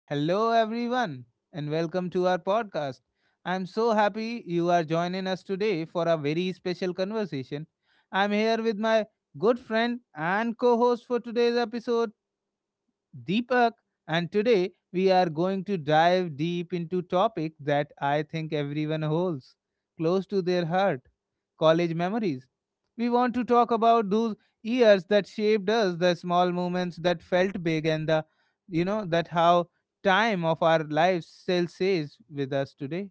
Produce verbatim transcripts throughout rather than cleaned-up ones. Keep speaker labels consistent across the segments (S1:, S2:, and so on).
S1: Hello, everyone, and welcome to our podcast. I'm so happy you are joining us today for a very special conversation. I'm here with my good friend and co host for today's episode, Deepak, and today we are going to dive deep into topic that I think everyone holds close to their heart, college memories. We want to talk about those years that shaped us, the small moments that felt big and the you know that how time of our lives still stays with us today.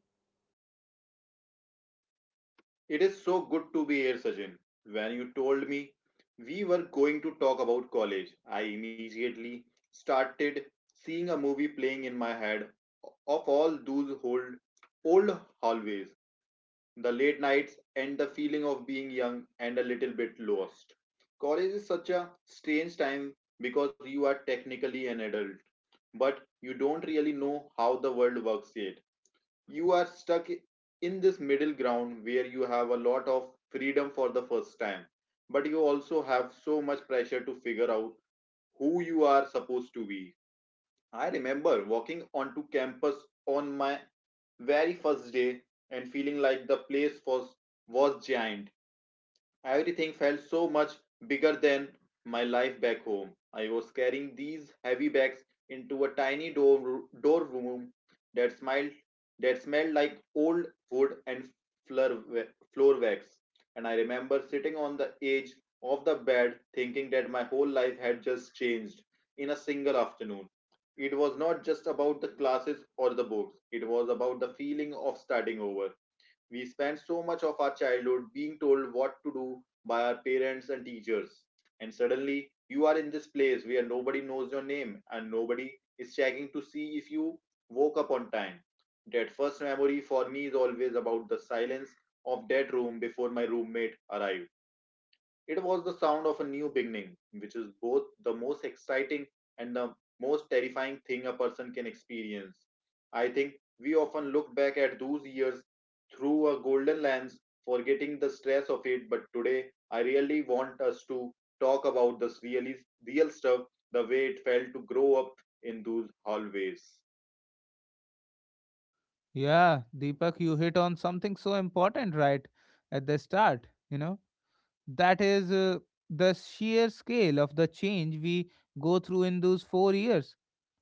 S2: It is so good to be here, Sachin. When you told me we were going to talk about college, I immediately started seeing a movie playing in my head of all those old, old hallways, the late nights, and the feeling of being young and a little bit lost. College is such a strange time because you are technically an adult, but you don't really know how the world works yet. You are stuck in this middle ground where you have a lot of freedom for the first time, but you also have so much pressure to figure out who you are supposed to be. I remember walking onto campus on my very first day and feeling like the place was was giant. Everything felt so much bigger than my life back home. I was carrying these heavy bags into a tiny door, door room that smiled that smelled like old wood and floor, floor wax. And I remember sitting on the edge of the bed thinking that my whole life had just changed in a single afternoon. It was not just about the classes or the books. It was about the feeling of starting over. We spend so much of our childhood being told what to do by our parents and teachers. And suddenly, you are in this place where nobody knows your name and nobody is checking to see if you woke up on time. That first memory for me is always about the silence of that room before my roommate arrived. It was the sound of a new beginning, which is both the most exciting and the most terrifying thing a person can experience. I think we often look back at those years through a golden lens, forgetting the stress of it. But today, I really want us to talk about this really real stuff, the way it felt to grow up in those hallways.
S1: Yeah, Deepak, you hit on something so important right at the start, you know. That is uh, the sheer scale of the change we go through in those four years.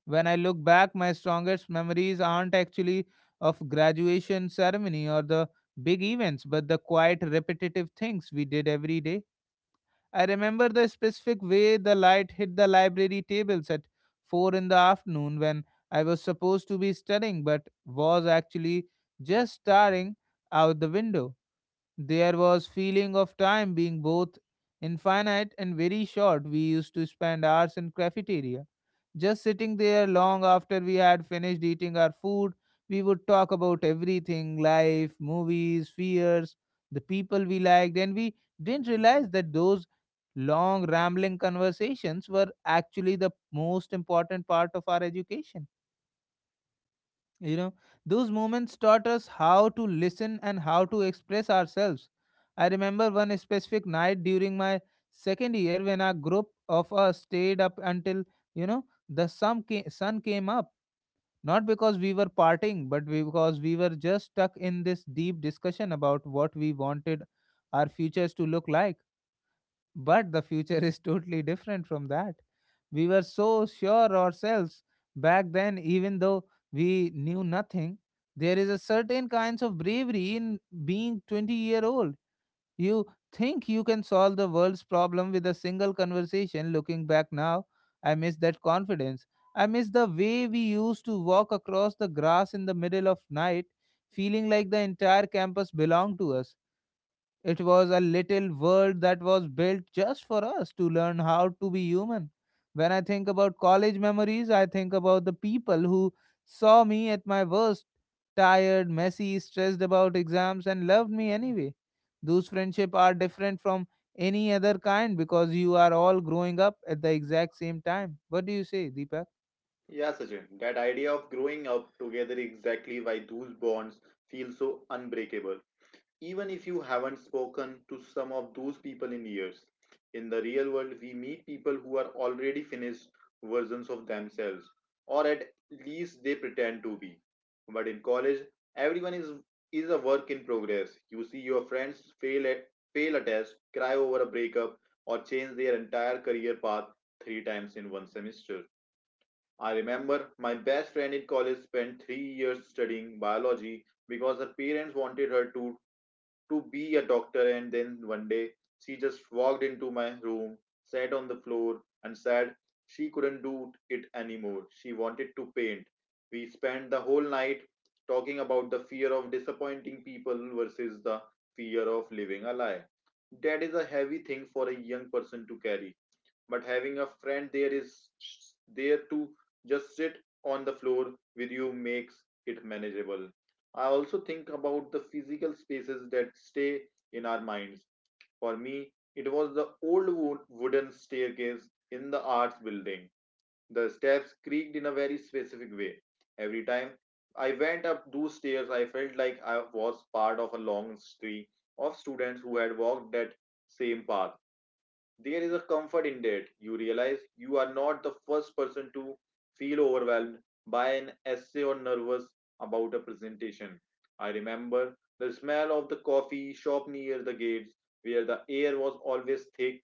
S1: When I look back, my strongest memories aren't actually of graduation ceremony or the big events, but the quiet, repetitive things we did every day. I remember the specific way the light hit the library tables at four in the afternoon when I was supposed to be studying but was actually just staring out the window. There was feeling of time being both infinite and very short. We used to spend hours in cafeteria, just sitting there long after we had finished eating our food. We would talk about everything, life, movies, fears, the people we liked, and we didn't realize that those long rambling conversations were actually the most important part of our education, you know, those moments taught us how to listen and how to express ourselves. I remember one specific night during my second year when a group of us stayed up until, you know, the sun came, sun came up. Not because we were partying, but we, because we were just stuck in this deep discussion about what we wanted our futures to look like. But the future is totally different from that. We were so sure ourselves back then, even though we knew nothing. There is a certain kinds of bravery in being twenty year old. You think you can solve the world's problem with a single conversation. Looking back now, I miss that confidence. I miss the way we used to walk across the grass in the middle of night, feeling like the entire campus belonged to us. It was a little world that was built just for us to learn how to be human. When I think about college memories, I think about the people who saw me at my worst, tired, messy, stressed about exams, and loved me anyway. Those friendships are different from any other kind because you are all growing up at the exact same time. What do you say, Deepak?
S2: Yeah, Sachin, that idea of growing up together exactly why those bonds feel so unbreakable. Even if you haven't spoken to some of those people in years, in the real world, we meet people who are already finished versions of themselves, or at least they pretend to be. But in college, everyone is is a work in progress. You see your friends fail at fail a test, cry over a breakup, or change their entire career path three times in one semester. I remember my best friend in college spent three years studying biology because her parents wanted her to to be a doctor. And then one day, she just walked into my room, sat on the floor, and said she couldn't do it anymore. She wanted to paint. We spent the whole night talking about the fear of disappointing people versus the fear of living a lie. That is a heavy thing for a young person to carry, but having a friend there is there to just sit on the floor with you makes it manageable. I also think about the physical spaces that stay in our minds. For me, it was the old wo- wooden staircase in the arts building. The steps creaked in a very specific way. Every time I went up those stairs, I felt like I was part of a long history of students who had walked that same path. There is a comfort in that. You realize you are not the first person to feel overwhelmed by an essay or nervous about a presentation. I remember the smell of the coffee shop near the gates, where the air was always thick,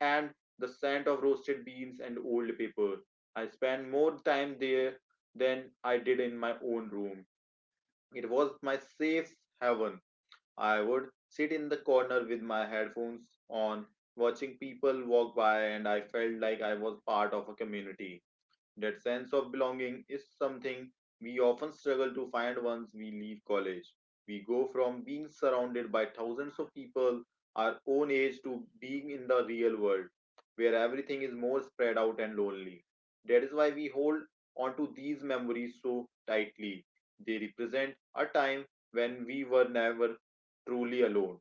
S2: and the scent of roasted beans and old paper. I spent more time there than I did in my own room. It was my safe haven. I would sit in the corner with my headphones on, watching people walk by, and I felt like I was part of a community. That sense of belonging is something we often struggle to find once we leave college. We go from being surrounded by thousands of people our own age to being in the real world, where everything is more spread out and lonely. That is why we hold onto these memories so tightly. They represent a time when we were never truly alone.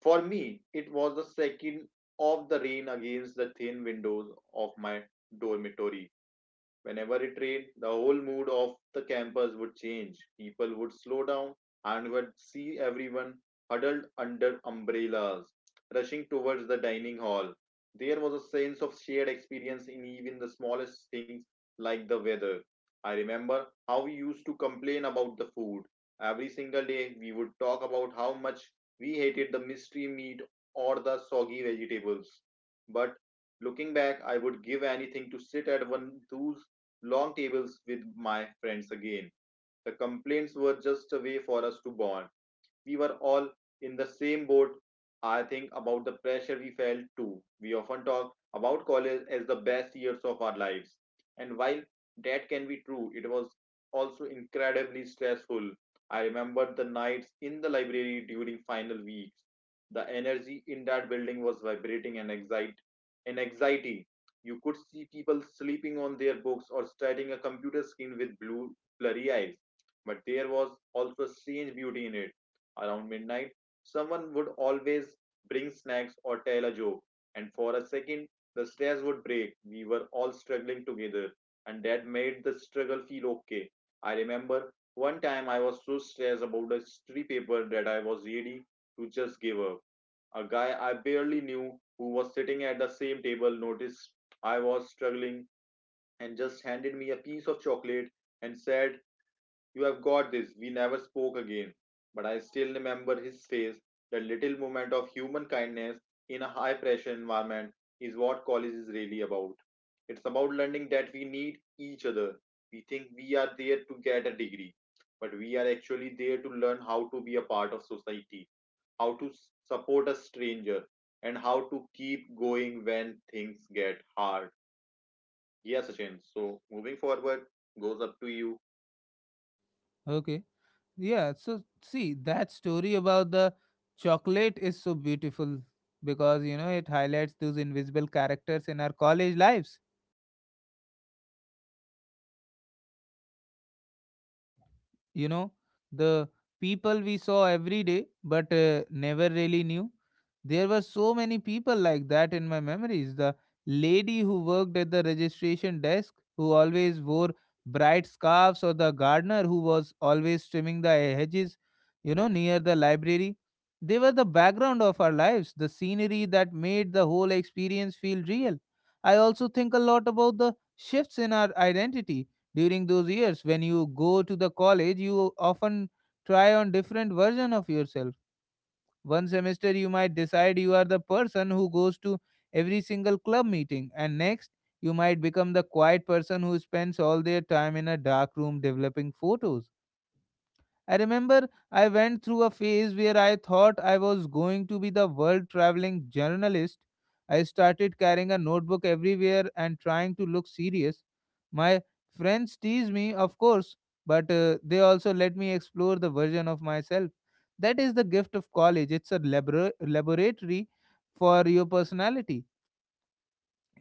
S2: For me, it was the second of the rain against the thin windows of my dormitory. Whenever it rained, the whole mood of the campus would change. People would slow down, and would see everyone huddled under umbrellas, rushing towards the dining hall. There was a sense of shared experience in even the smallest things like the weather. I remember how we used to complain about the food. Every single day, we would talk about how much we hated the mystery meat or the soggy vegetables. But looking back, I would give anything to sit at one of those long tables with my friends again. The complaints were just a way for us to bond. We were all in the same boat. I think about the pressure we felt too. We often talk about college as the best years of our lives. And while that can be true, it was also incredibly stressful. I remember the nights in the library during final weeks. The energy in that building was vibrating and excite and anxiety. You could see people sleeping on their books or staring at a computer screen with blue blurry eyes. But there was also a strange beauty in it. Around midnight, someone would always bring snacks or tell a joke, and for a second, the stairs would break. We were all struggling together, and that made the struggle feel okay. I remember one time I was so stressed about a history paper that I was ready to just give up. A guy I barely knew, who was sitting at the same table, noticed I was struggling and just handed me a piece of chocolate and said, "You have got this." We never spoke again, but I still remember his face. That little moment of human kindness in a high pressure environment is what college is really about. It's about learning that we need each other. We think we are there to get a degree, but we are actually there to learn how to be a part of society, how to s- support a stranger, and how to keep going when things get hard. Yeah, Sachin. So moving forward goes up to you.
S1: Okay. Yeah, so see, that story about the chocolate is so beautiful because you know it highlights those invisible characters in our college lives. You know, the people we saw every day but uh, never really knew. There were so many people like that in my memories: the lady who worked at the registration desk who always wore bright scarves, or the gardener who was always trimming the hedges, you know, near the library. They were the background of our lives, the scenery that made the whole experience feel real. I also think a lot about the shifts in our identity during those years. When you go to the college, you often try on different version of yourself. One semester you might decide you are the person who goes to every single club meeting, and next you might become the quiet person who spends all their time in a dark room developing photos. I remember I went through a phase where I thought I was going to be the world traveling journalist. I started carrying a notebook everywhere and trying to look serious. My friends teased me, of course, but uh, they also let me explore the version of myself. That is the gift of college. It's a labora- laboratory for your personality.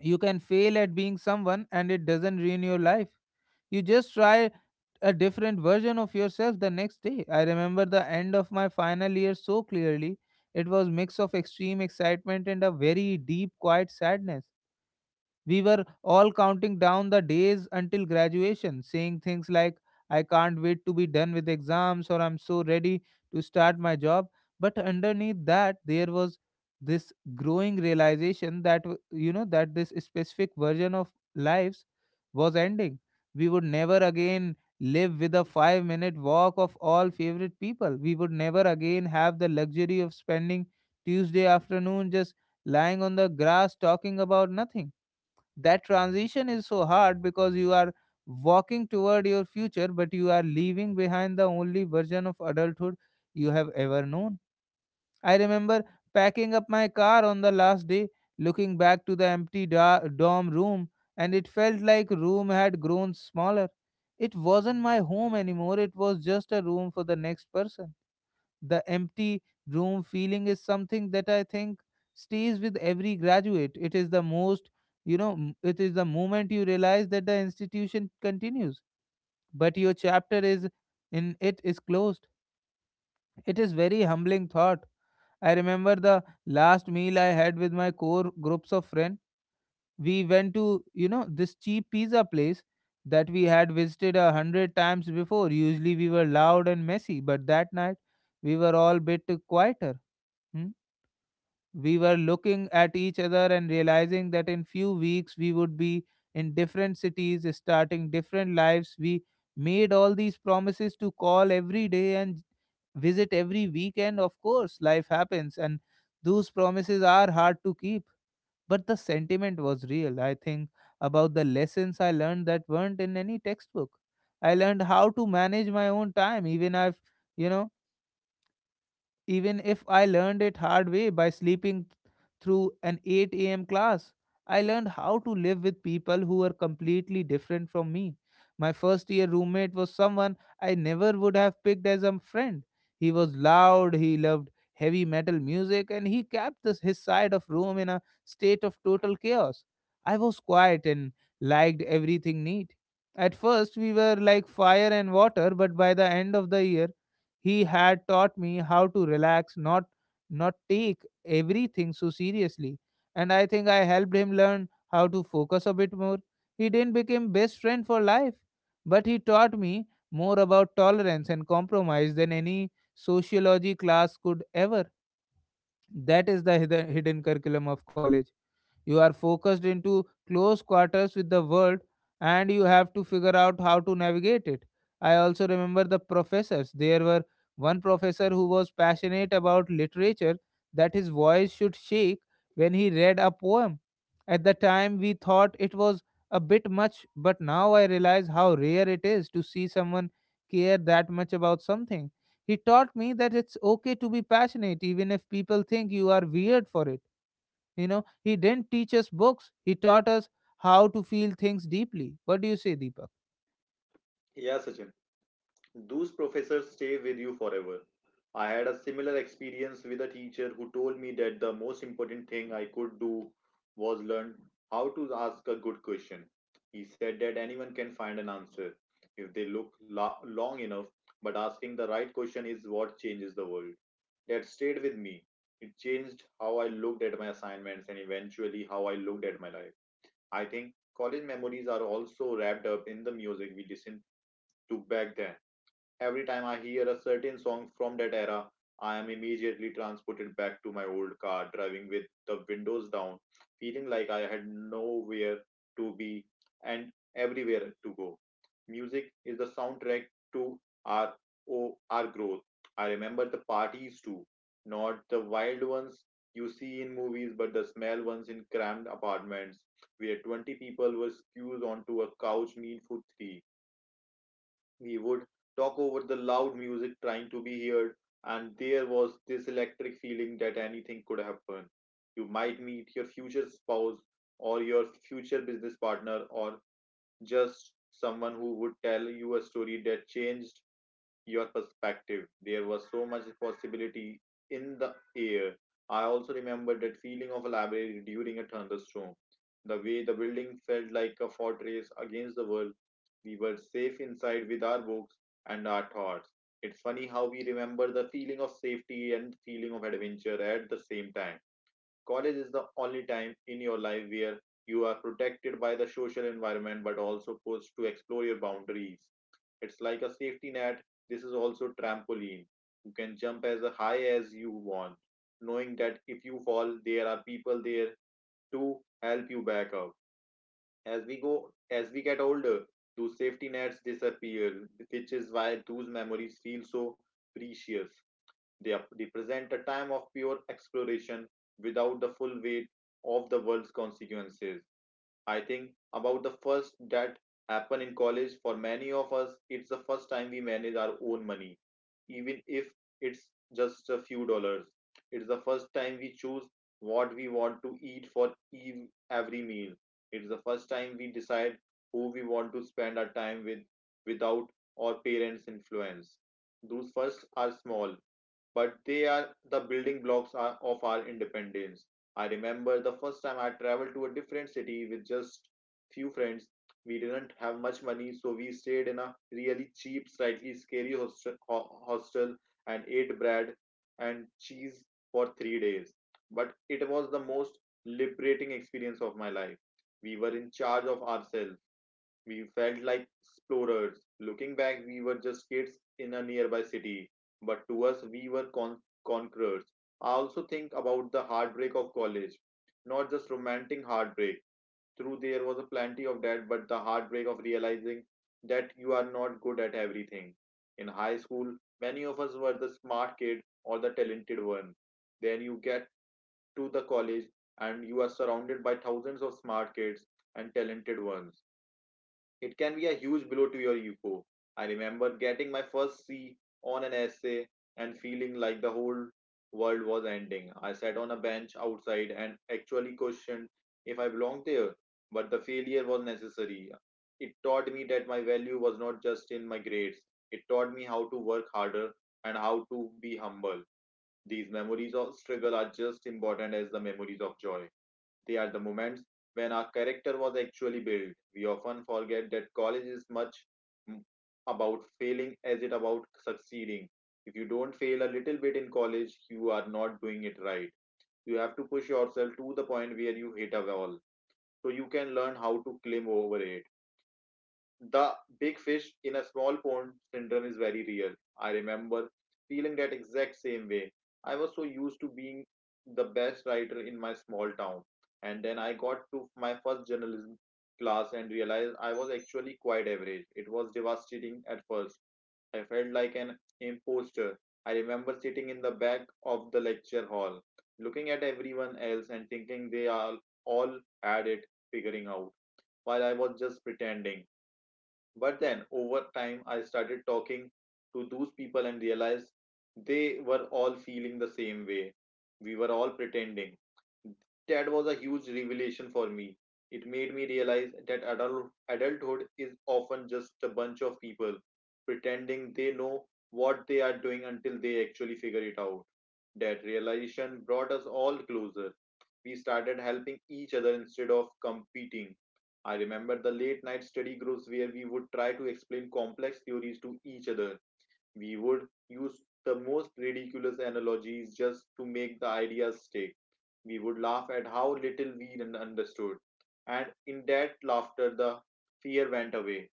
S1: You can fail at being someone and it doesn't ruin your life. You just try a different version of yourself the next day. I remember the end of my final year so clearly. It was mix of extreme excitement and a very deep quiet sadness. We were all counting down the days until graduation, saying things like, I can't wait to be done with exams, or I'm so ready to start my job. But underneath that, there was this growing realization that, w- you know, that this specific version of lives was ending. We would never again live with a five minute walk of all favorite people. We would never again have the luxury of spending Tuesday afternoon just lying on the grass talking about nothing. That transition is so hard because you are walking toward your future but you are leaving behind the only version of adulthood you have ever known. I remember packing up my car on the last day, looking back to the empty da- dorm room, and it felt like room had grown smaller. It wasn't my home anymore, it was just a room for the next person. The empty room feeling is something that I think stays with every graduate. It is the most, you know, m- it is the moment you realize that the institution continues, but your chapter is in it is closed. It is very humbling thought. I remember the last meal I had with my core groups of friends. We went to, you know, this cheap pizza place that we had visited a hundred times before. Usually we were loud and messy, but that night we were all bit quieter. Hmm? We were looking at each other and realizing that in few weeks we would be in different cities, starting different lives. We made all these promises to call every day and visit every weekend. Of course, life happens, and those promises are hard to keep. But the sentiment was real. I think about the lessons I learned that weren't in any textbook. I learned how to manage my own time, even if you know even if I learned it hard way by sleeping through an eight a m class. I learned how to live with people who were completely different from me. My first year roommate was someone I never would have picked as a friend. He was loud, he loved heavy metal music, and he kept this, his side of room in a state of total chaos. I was quiet and liked everything neat. At first, we were like fire and water, but by the end of the year, he had taught me how to relax, not not take everything so seriously, and I think I helped him learn how to focus a bit more. He didn't become best friend for life, but he taught me more about tolerance and compromise than any sociology class could ever. That is the hidden hidden curriculum of college. You are focused into close quarters with the world and you have to figure out how to navigate it. I also remember the professors. There were one professor who was passionate about literature that his voice should shake when he read a poem. At the time, we thought it was a bit much, but now I realize how rare it is to see someone care that much about something. He taught me that it's okay to be passionate even if people think you are weird for it. You know, he didn't teach us books, he taught us how to feel things deeply. What do you say, Deepak?
S2: Yeah, Sachin. Those professors stay with you forever. I had a similar experience with a teacher who told me that the most important thing I could do was learn how to ask a good question. He said that anyone can find an answer if they look lo- long enough, but asking the right question is what changes the world. That stayed with me. It changed how I looked at my assignments and eventually how I looked at my life. I think college memories are also wrapped up in the music we listened to back then. Every time I hear a certain song from that era, I am immediately transported back to my old car, driving with the windows down, feeling like I had nowhere to be and everywhere to go. Music is the soundtrack to our, oh, our growth. I remember the parties too, not the wild ones you see in movies, but the small ones in cramped apartments where twenty people were squeezed onto a couch meal for three. We would talk over the loud music trying to be heard, and there was this electric feeling that anything could happen. You might meet your future spouse or your future business partner or just someone who would tell you a story that changed your perspective. There was so much possibility in the air. I also remember that feeling of a library during a thunderstorm. The way the building felt like a fortress against the world. We were safe inside with our books and our thoughts. It's funny how we remember the feeling of safety and feeling of adventure at the same time. College is the only time in your life where you are protected by the social environment but also pushed to explore your boundaries. It's like a safety net. This is also trampoline. You can jump as high as you want, knowing that if you fall, there are people there to help you back up. As we go, as we get older, those safety nets disappear, which is why those memories feel so precious. They ap- represent a time of pure exploration without the full weight of the world's consequences. I think about the first that happened in college. For many of us, it's the first time we manage our own money, even if it's just a few dollars. It's the first time we choose what we want to eat for ev- every meal. It's the first time we decide who we want to spend our time with without our parents' influence. Those first are small, but they are the building blocks of our independence. I remember the first time I traveled to a different city with just few friends. We didn't have much money, so we stayed in a really cheap, slightly scary hostel, ho- hostel and ate bread and cheese for three days. But it was the most liberating experience of my life. We were in charge of ourselves, we felt like explorers. Looking back, we were just kids in a nearby city, but to us, we were con- conquerors. I also think about the heartbreak of college, not just romantic heartbreak. Through there was a plenty of that, but the heartbreak of realizing that you are not good at everything. In high school, many of us were the smart kid or the talented one. Then you get to the college and you are surrounded by thousands of smart kids and talented ones. It can be a huge blow to your ego. I remember getting my first C on an essay and feeling like the whole world was ending. I sat on a bench outside and actually questioned if I belonged there, but the failure was necessary. It taught me that my value was not just in my grades, it taught me how to work harder and how to be humble. These memories of struggle are just important as the memories of joy. They are the moments when our character was actually built. We often forget that college is much m- about failing as it about succeeding. If you don't fail a little bit in college, you are not doing it right. You have to push yourself to the point where you hit a wall so you can learn how to climb over it. The big fish in a small pond syndrome is very real. I remember feeling that exact same way. I was so used to being the best writer in my small town. And then I got to my first journalism class and realized I was actually quite average. It was devastating at first. I felt like an imposter. I remember sitting in the back of the lecture hall, looking at everyone else and thinking they all all had it figuring out, while I was just pretending. But then over time, I started talking to those people and realized they were all feeling the same way. We were all pretending. That was a huge revelation for me. It made me realize that adult, adulthood is often just a bunch of people pretending they know what they are doing until they actually figure it out. That realization brought us all closer. We started helping each other instead of competing. I remember the late night study groups where we would try to explain complex theories to each other. We would use the most ridiculous analogies just to make the ideas stick. We would laugh at how little we un- understood. And in that laughter, the fear went away.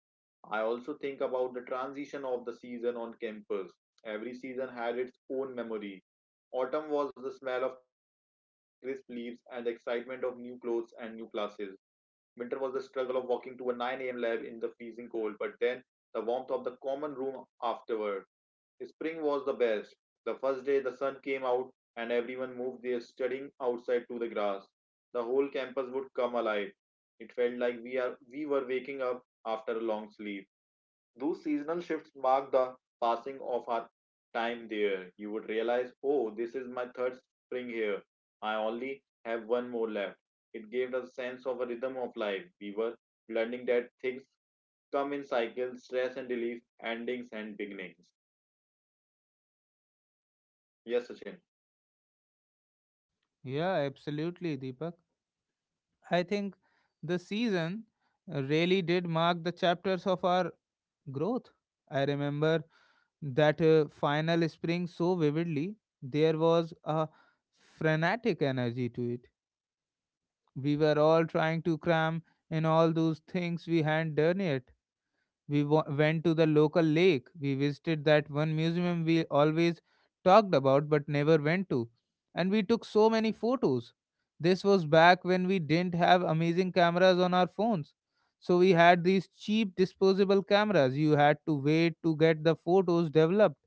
S2: I also think about the transition of the season on campus. Every season had its own memory. Autumn was the smell of crisp leaves and the excitement of new clothes and new classes. Winter was the struggle of walking to a nine a m lab in the freezing cold, but then the warmth of the common room afterward. Spring was the best. The first day the sun came out and everyone moved their studying outside to the grass. The whole campus would come alive. It felt like we are we were waking up after a long sleep. Those seasonal shifts mark the passing of our time there. You would realize, oh, this is my third spring here. I only have one more left. It gave us a sense of a rhythm of life. We were learning that things come in cycles, stress and relief, endings and beginnings. Yes, Sachin.
S1: Yeah, absolutely, Deepak. I think the season uh, really did mark the chapters of our growth. I remember that uh, final spring so vividly. There was a frenetic energy to it. We were all trying to cram in all those things we hadn't done yet. We wa- went to the local lake. We visited that one museum we always talked about but never went to. And we took so many photos. This was back when we didn't have amazing cameras on our phones. So we had these cheap disposable cameras. You had to wait to get the photos developed.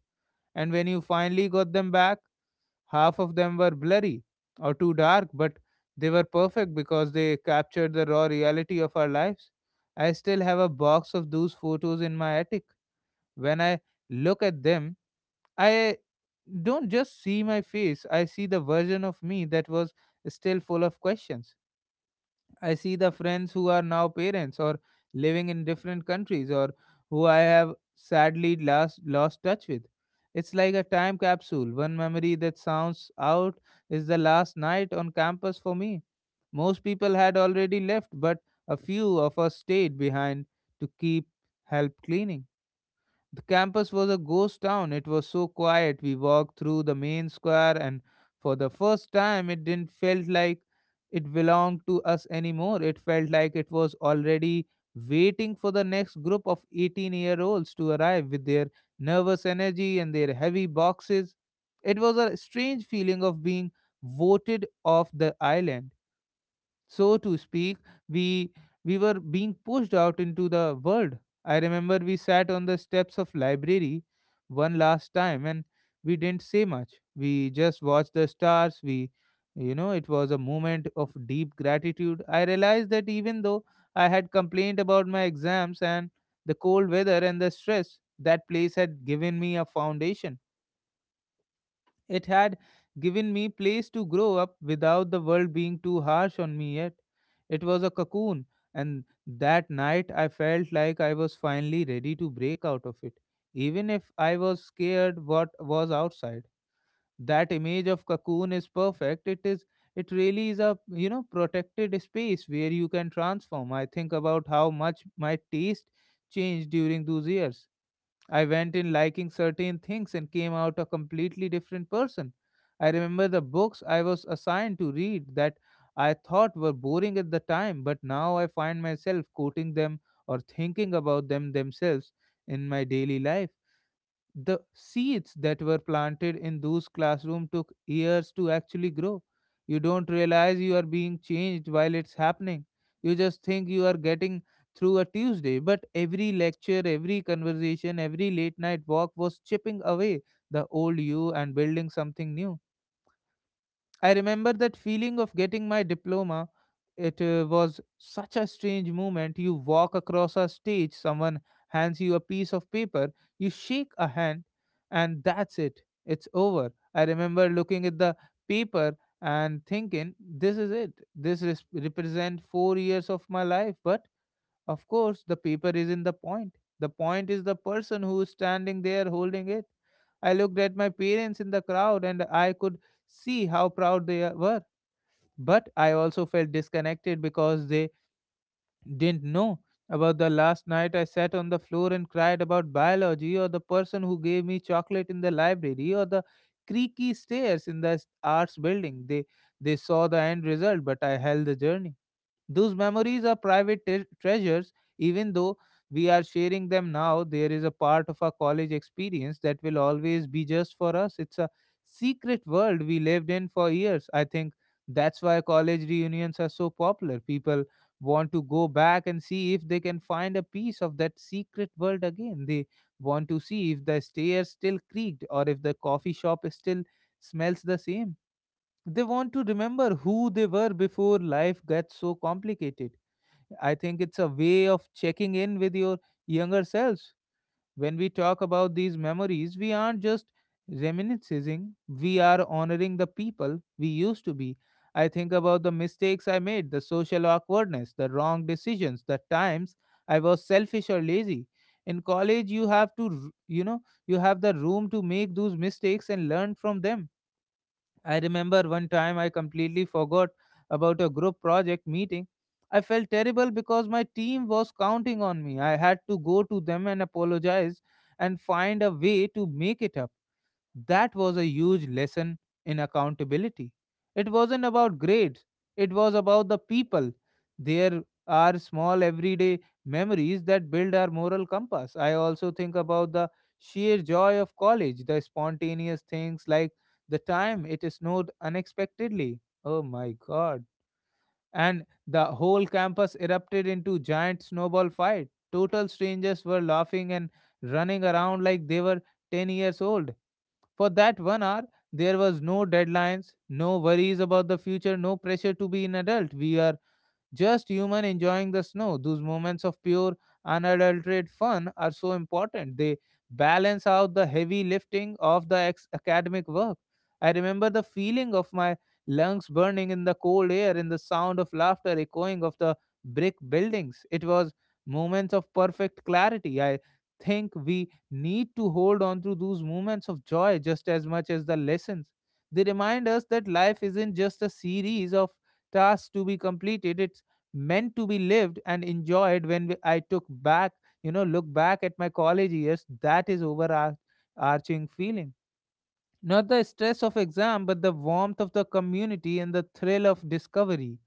S1: And when you finally got them back, half of them were blurry or too dark, but they were perfect because they captured the raw reality of our lives. I still have a box of those photos in my attic. When I look at them, I don't just see my face, I see the version of me that was still full of questions. I see the friends who are now parents, or living in different countries, or who I have sadly last lost touch with. It's like a time capsule. One memory that sounds out is the last night on campus for me. Most people had already left, but a few of us stayed behind to keep help cleaning. The campus was a ghost town. It was so quiet. We walked through the main square, and for the first time, it didn't felt like it belonged to us anymore. It felt like it was already waiting for the next group of eighteen year olds to arrive with their nervous energy and their heavy boxes. It was a strange feeling of being voted off the island, so to speak. We we were being pushed out into the world. I remember we sat on the steps of library one last time, and we didn't say much. We just watched the stars. We you know It was a moment of deep gratitude. I realized that even though I had complained about my exams and the cold weather and the stress, that place had given me a foundation. It had given me place to grow up without the world being too harsh on me yet. It was a cocoon, and that night I felt like I was finally ready to break out of it, even if I was scared what was outside. That image of cocoon is perfect. It is it really is a, you know protected space where you can transform. I think about how much my taste changed during those years. I went in liking certain things and came out a completely different person. I remember the books I was assigned to read that I thought were boring at the time, but now I find myself quoting them or thinking about them themselves in my daily life. The seeds that were planted in those classroom took years to actually grow. You don't realize you are being changed while it's happening. You just think you are getting through a tuesday, but every lecture, every conversation, every late night walk was chipping away the old you and building something new. I remember that feeling of getting my diploma. It uh, was such a strange moment. You walk across a stage, someone hands you a piece of paper, you shake a hand, and that's it. It's over. I remember looking at the paper and thinking, this is it. This res- represents four years of my life, but of course, the paper is in the point. The point is the person who is standing there holding it. I looked at my parents in the crowd and I could see how proud they were. But I also felt disconnected because they didn't know about the last night I sat on the floor and cried about biology, or the person who gave me chocolate in the library, or the creaky stairs in the arts building. They they saw the end result, but I held the journey. Those memories are private te- treasures, even though we are sharing them now. There is a part of our college experience that will always be just for us. It's a secret world we lived in for years. I think that's why college reunions are so popular. People want to go back and see if they can find a piece of that secret world again. They want to see if the stairs still creaked or if the coffee shop still smells the same. They want to remember who they were before life gets so complicated. I think it's a way of checking in with your younger selves. When we talk about these memories, we aren't just reminiscing, we are honoring the people we used to be. I think about the mistakes I made, the social awkwardness, the wrong decisions, the times I was selfish or lazy. In college, you have to, r- you know, you have the room to make those mistakes and learn from them. I remember one time I completely forgot about a group project meeting. I felt terrible because my team was counting on me. I had to go to them and apologize and find a way to make it up. That was a huge lesson in accountability. It wasn't about grades, it was about the people. There are small everyday memories that build our moral compass. I also think about the sheer joy of college, the spontaneous things like the time it snowed unexpectedly. Oh my god. And the whole campus erupted into giant snowball fight. Total strangers were laughing and running around like they were ten years old. For that one hour, there was no deadlines, no worries about the future, no pressure to be an adult. We are just human enjoying the snow. Those moments of pure, unadulterated fun are so important. They balance out the heavy lifting of the ex- academic work. I remember the feeling of my lungs burning in the cold air and the sound of laughter echoing of the brick buildings. It was moments of perfect clarity. I think we need to hold on to those moments of joy just as much as the lessons. They remind us that life isn't just a series of tasks to be completed, it's meant to be lived and enjoyed. when we- I took back, you know, look back at my college years, that is overarching feeling. Not the stress of exam, but the warmth of the community and the thrill of discovery.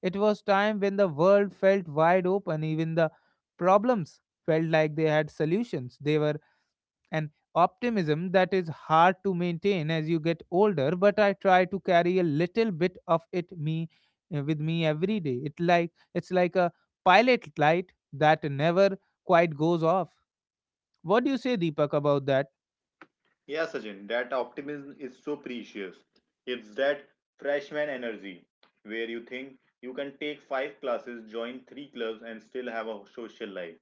S1: It was time when the world felt wide open, even the problems felt like they had solutions. They were an optimism that is hard to maintain as you get older, but I try to carry a little bit of it me, uh, with me every day. It like it's like a pilot light that never quite goes off. What do you say Deepak about that?
S2: Yeah, Sachin, that optimism is so precious. It's that freshman energy where you think you can take five classes, join three clubs, and still have a social life.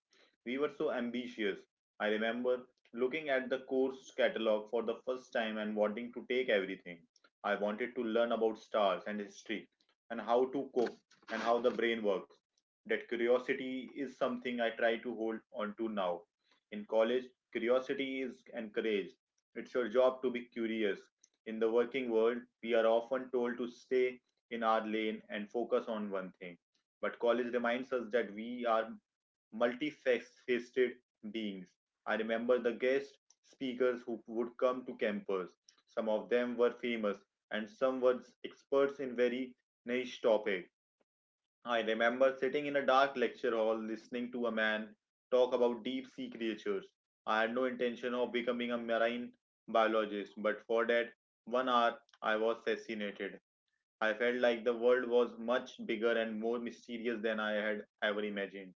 S2: We were so ambitious. I remember looking at the course catalog for the first time and wanting to take everything. I wanted to learn about stars and history and how to cook and how the brain works. That curiosity is something I try to hold on to now. In college, curiosity is encouraged, it's your job to be curious. In the working world, we are often told to stay in our lane and focus on one thing. But college reminds us that we are multifaceted beings. I remember the guest speakers who would come to campus. Some of them were famous, and some were experts in very niche topics. I remember sitting in a dark lecture hall listening to a man talk about deep sea creatures. I had no intention of becoming a marine biologist, but for that one hour I was fascinated. I felt like the world was much bigger and more mysterious than I had ever imagined.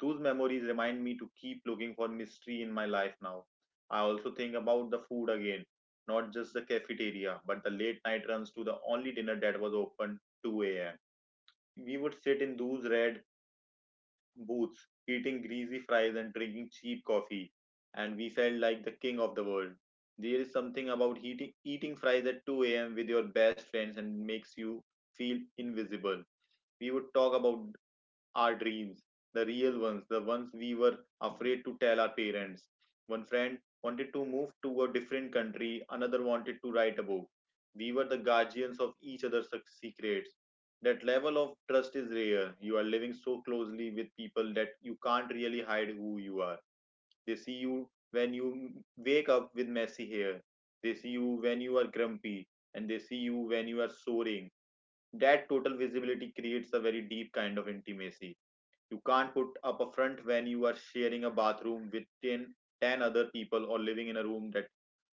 S2: Those memories remind me to keep looking for mystery in my life now. I also think about the food again, not just the cafeteria, but the late night runs to the only dinner that was open two a m. We would sit in those red booths, eating greasy fries and drinking cheap coffee, and we felt like the king of the world. There is something about heating, eating fries at two a m with your best friends and makes you feel invisible. We would talk about our dreams, the real ones, the ones we were afraid to tell our parents. One friend wanted to move to a different country, another wanted to write a book. We were the guardians of each other's suc- secrets. That level of trust is rare. You are living so closely with people that you can't really hide who you are. They see you when you wake up with messy hair, they see you when you are grumpy, and they see you when you are soaring. That total visibility creates a very deep kind of intimacy. You can't put up a front when you are sharing a bathroom with ten, ten other people or living in a room that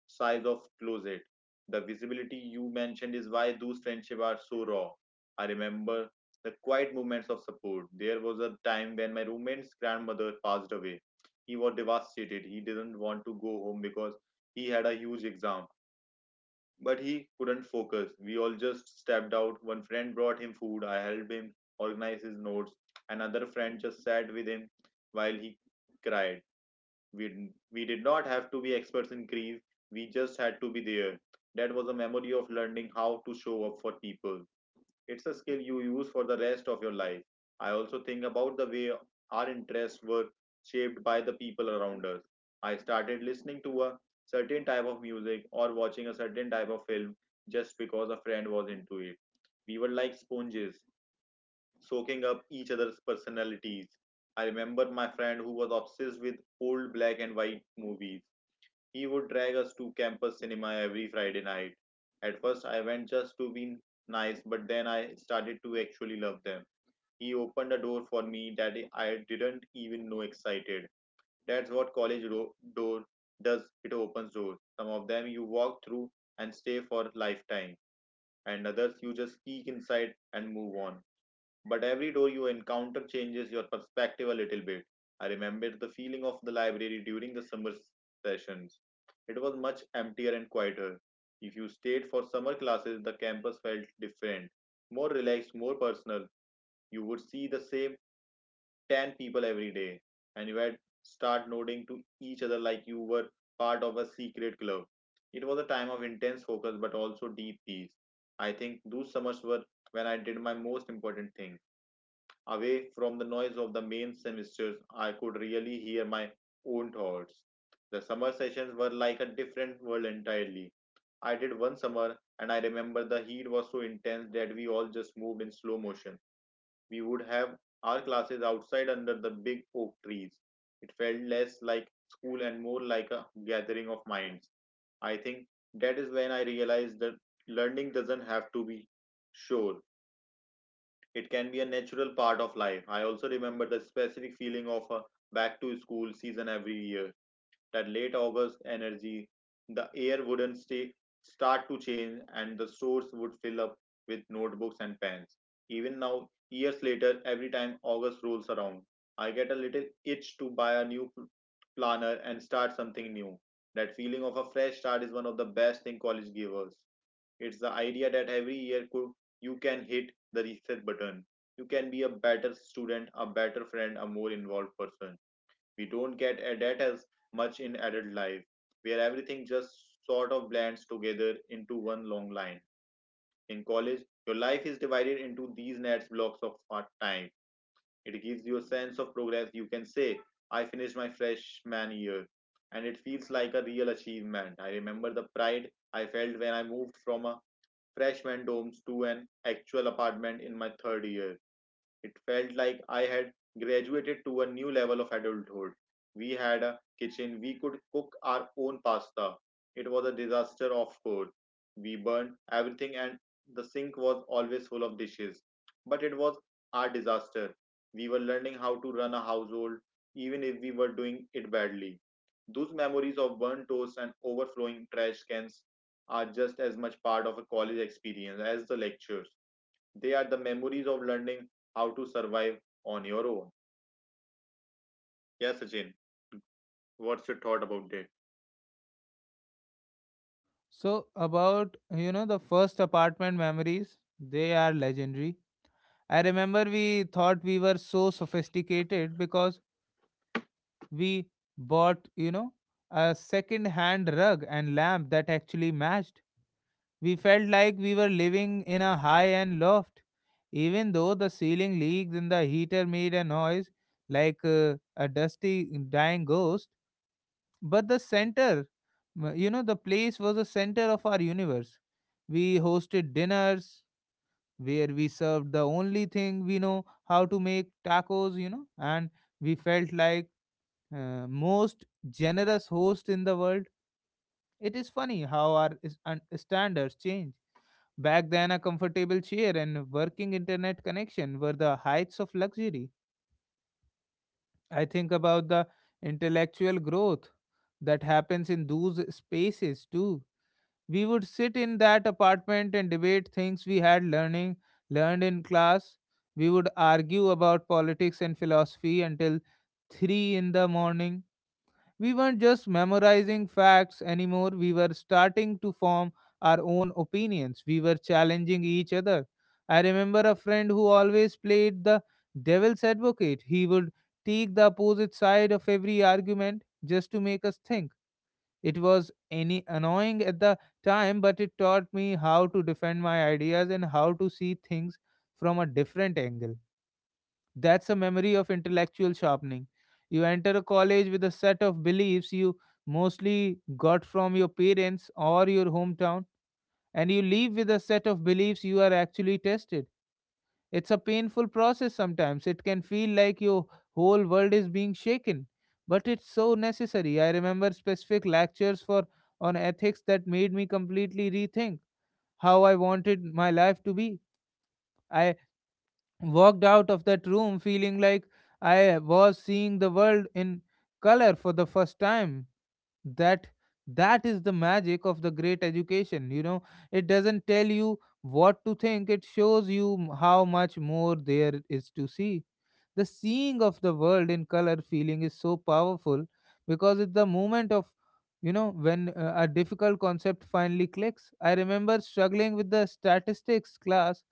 S2: size of closet. The visibility you mentioned is why those friendships are so raw. I remember the quiet moments of support. There was a time when my roommate's grandmother passed away. He was devastated. He didn't want to go home because he had a huge exam. But he couldn't focus. We all just stepped out. One friend brought him food. I helped him organize his notes. Another friend just sat with him while he cried. We, we did not have to be experts in grief. We just had to be there. That was a memory of learning how to show up for people. It's a skill you use for the rest of your life. I also think about the way our interests were shaped by the people around us. I started listening to a certain type of music or watching a certain type of film just because a friend was into it. We were like sponges, soaking up each other's personalities. I remember my friend who was obsessed with old black and white movies. He would drag us to campus cinema every Friday night. At first, I went just to be nice, but then I started to actually love them. He opened a door for me that I didn't even know existed. That's what college ro- door does, it opens doors. Some of them you walk through and stay for a lifetime, and others you just peek inside and move on, but every door you encounter changes your perspective a little bit. I remember the feeling of the library during the summer sessions. It was much emptier and quieter. If you stayed for summer classes, the campus felt different, more relaxed, more personal. You would see the same ten people every day, and you would start nodding to each other like you were part of a secret club. It was a time of intense focus but also deep peace. I think those summers were when I did my most important thing. Away from the noise of the main semesters, I could really hear my own thoughts. The summer sessions were like a different world entirely. I did one summer, and I remember the heat was so intense that we all just moved in slow motion. We would have our classes outside under the big oak trees. It felt less like school and more like a gathering of minds. I think that is when I realized that learning doesn't have to be sure, it can be a natural part of life. I also remember the specific feeling of a back to school season every year. That late August energy, the air wouldn't stay, start to change, and the stores would fill up with notebooks and pens. Even now, years later, every time August rolls around, I get a little itch to buy a new pl- planner and start something new. That feeling of a fresh start is one of the best thing college gives us. It's the idea that every year could, you can hit the reset button. You can be a better student, a better friend, a more involved person. We don't get at that as much in adult life, where everything just sort of blends together into one long line. In college, your life is divided into these nets blocks of time. It gives you a sense of progress. You can say, I finished my freshman year, and it feels like a real achievement. I remember the pride I felt when I moved from a freshman domes to an actual apartment in my third year. It felt like I had graduated to a new level of adulthood. We had a kitchen, we could cook our own pasta. It was a disaster, of course. We burned everything, and the sink was always full of dishes. But it was our disaster. We were learning how to run a household, even if we were doing it badly. Those memories of burnt toast and overflowing trash cans are just as much part of a college experience as the lectures. They are the memories of learning how to survive on your own. Yeah, Sachin, what's your thought about that?
S1: So about, you know the first apartment memories, they are legendary. I remember we thought we were so sophisticated because we bought, you know a second hand rug and lamp that actually matched. We felt like we were living in a high end loft, even though the ceiling leaks and the heater made a noise like uh, a dusty, dying ghost. But the center, m- you know, the place was the center of our universe. We hosted dinners where we served the only thing we know how to make, tacos, you know, and we felt like, uh, most generous host in the world. It is funny how our is- and standards change. Back then, a comfortable chair and working internet connection were the heights of luxury. I think about the intellectual growth that happens in those spaces too. We would sit in that apartment and debate things we had learning learned in class. We would argue about politics and philosophy until three in the morning. We weren't just memorizing facts anymore, we were starting to form our own opinions. We were challenging each other. I remember a friend who always played the devil's advocate. He would take the opposite side of every argument just to make us think. It was any annoying at the time, but it taught me how to defend my ideas and how to see things from a different angle. That's a memory of intellectual sharpening. You enter a college with a set of beliefs you mostly got from your parents or your hometown, and you leave with a set of beliefs you are actually tested. It's a painful process sometimes. It can feel like your whole world is being shaken, but it's so necessary. I remember specific lectures for on ethics that made me completely rethink how I wanted my life to be. I walked out of that room feeling like I was seeing the world in color for the first time. That that is the magic of the great education. You know, it doesn't tell you what to think, it shows you m- how much more there is to see. The seeing of the world in color feeling is so powerful because it's the moment of, you know when uh, a difficult concept finally clicks. I remember struggling with the statistics class.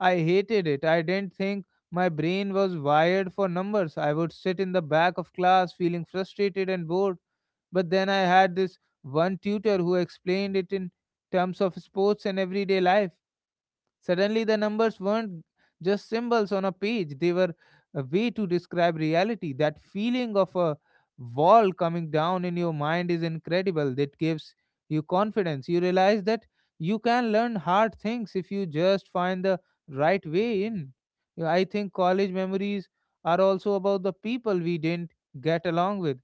S1: I hated it. I didn't think my brain was wired for numbers. I would sit in the back of class feeling frustrated and bored. But then I had this one tutor who explained it in terms of sports and everyday life. Suddenly, the numbers weren't just symbols on a page, they were a way to describe reality. That feeling of a wall coming down in your mind is incredible. That gives you confidence. You realize that you can learn hard things if you just find the right way in. Yeah, I think college memories are also about the people we didn't get along with.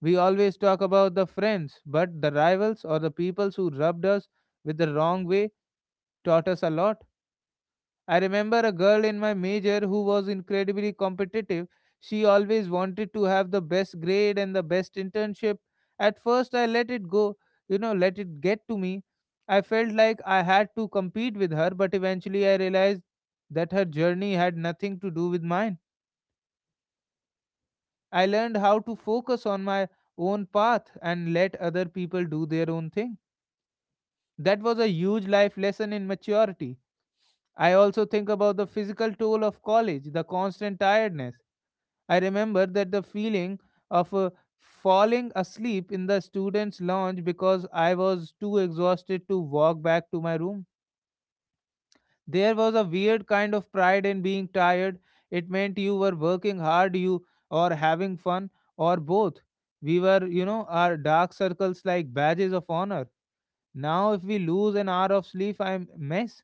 S1: We always talk about the friends, but the rivals or the people who rubbed us with the wrong way taught us a lot. I remember a girl in my major who was incredibly competitive. She always wanted to have the best grade and the best internship. At first, I let it go, you know, let it get to me. I felt like I had to compete with her, but eventually I realized that her journey had nothing to do with mine. I learned how to focus on my own path and let other people do their own thing. That was a huge life lesson in maturity. I also think about the physical toll of college, the constant tiredness. I remember that the feeling of uh, falling asleep in the students' lounge because I was too exhausted to walk back to my room. There was a weird kind of pride in being tired. It meant you were working hard, you or having fun, or both. We were, you know, our dark circles like badges of honor. Now, if we lose an hour of sleep, I mess.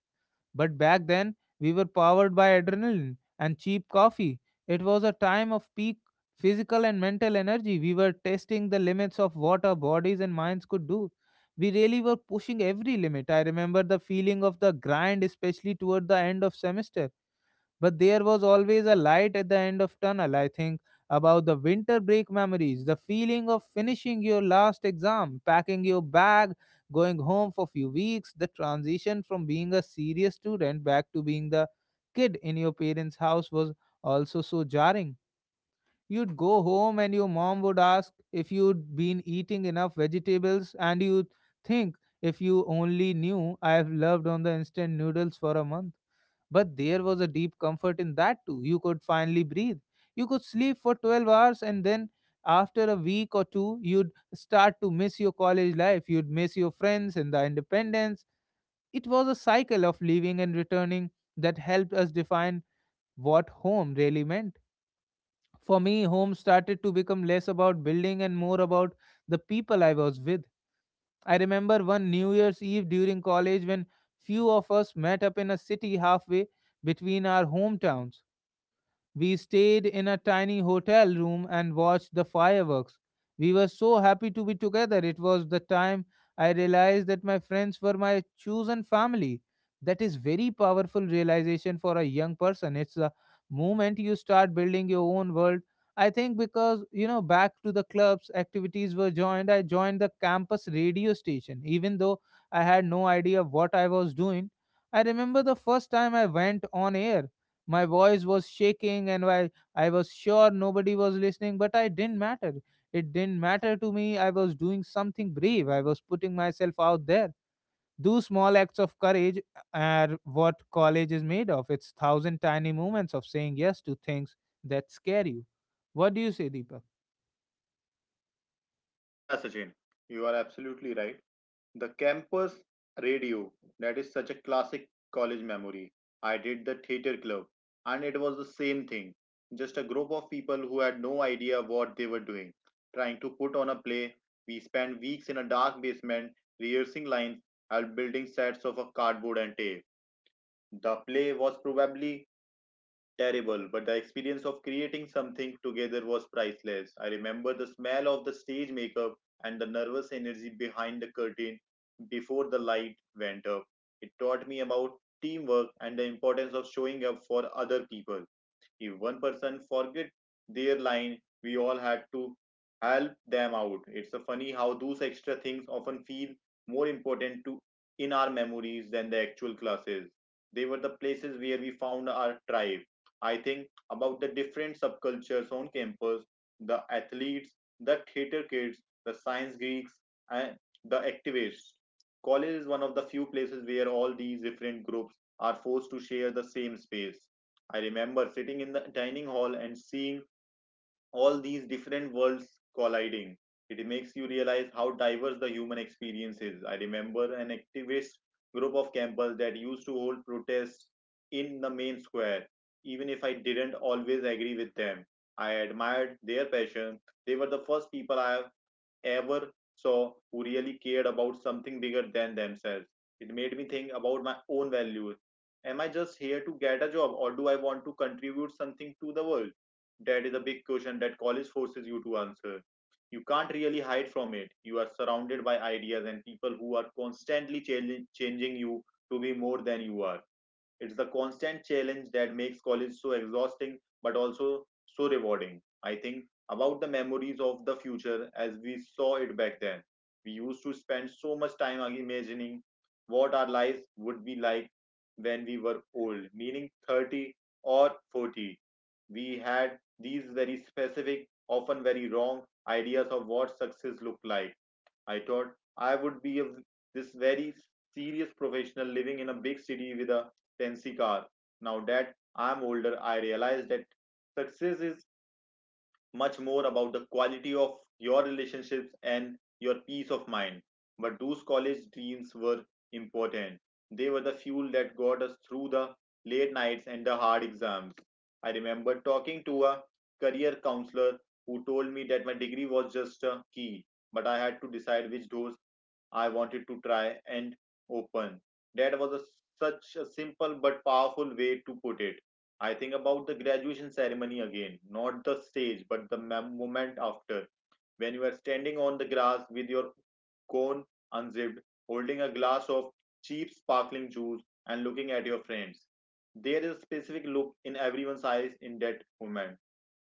S1: But back then, we were powered by adrenaline and cheap coffee. It was a time of peak physical and mental energy. We were testing the limits of what our bodies and minds could do. We really were pushing every limit. I remember the feeling of the grind, especially toward the end of semester, but there was always a light at the end of tunnel. I think about the winter break memories, the feeling of finishing your last exam, packing your bag, going home for few weeks. The transition from being a serious student back to being the kid in your parents house was also so jarring. You'd go home and your mom would ask if you'd been eating enough vegetables, and you'd think, if you only knew, I've loved on the instant noodles for a month. But there was a deep comfort in that too. You could finally breathe. You could sleep for twelve hours, and then after a week or two, you'd start to miss your college life. You'd miss your friends and the independence. It was a cycle of leaving and returning that helped us define what home really meant. For me, home started to become less about building and more about the people I was with. I remember one New Year's Eve during college when few of us met up in a city halfway between our hometowns. We stayed in a tiny hotel room and watched the fireworks. We were so happy to be together. It was the time I realized that my friends were my chosen family. That is very powerful realization for a young person. It's the moment you start building your own world. I think because you know back to the clubs activities were joined. I joined the campus radio station even though I had no idea what I was doing. I remember the first time I went on air. My voice was shaking, and while I was sure nobody was listening, but I didn't matter. It didn't matter to me. I was doing something brave. I was putting myself out there. Those small acts of courage are what college is made of. It's thousand tiny moments of saying yes to things that scare you. What do you say, Deepak?
S2: Yeah, Sachin, you are absolutely right. The campus radio, that is such a classic college memory. I did the theater club, and it was the same thing. Just a group of people who had no idea what they were doing, trying to put on a play. We spent weeks in a dark basement, rehearsing lines and building sets of a cardboard and tape. The play was probably terrible, but the experience of creating something together was priceless. I remember the smell of the stage makeup and the nervous energy behind the curtain before the light went up. It taught me about teamwork and the importance of showing up for other people. If one person forget their line, we all had to help them out. It's a funny how those extra things often feel more important to in our memories than the actual classes. They were the places where we found our tribe. I think about the different subcultures on campus, the athletes, the theater kids, the science geeks, and the activists. College is one of the few places where all these different groups are forced to share the same space. I remember sitting in the dining hall and seeing all these different worlds colliding. It makes you realize how diverse the human experience is. I remember an activist group of campers that used to hold protests in the main square, even if I didn't always agree with them. I admired their passion. They were the first people I have ever saw who really cared about something bigger than themselves. It made me think about my own values. Am I just here to get a job or do I want to contribute something to the world? That is a big question that college forces you to answer. You can't really hide from it. You are surrounded by ideas and people who are constantly challenge- changing you to be more than you are. It's the constant challenge that makes college so exhausting but also so rewarding. I think about the memories of the future as we saw it back then. We used to spend so much time imagining what our lives would be like when we were old, meaning thirty or forty. We had these very specific, often very wrong, ideas of what success looked like. I thought I would be a, this very serious professional living in a big city with a fancy car. Now that I'm older, I realize that success is much more about the quality of your relationships and your peace of mind. But those college dreams were important. They were the fuel that got us through the late nights and the hard exams. I remember talking to a career counselor who told me that my degree was just a key, but I had to decide which doors I wanted to try and open. That was a, Such a simple but powerful way to put it. I think about the graduation ceremony again, not the stage, but the moment after, when you are standing on the grass with your cone unzipped, holding a glass of cheap sparkling juice, and looking at your friends. There is a specific look in everyone's eyes in that moment.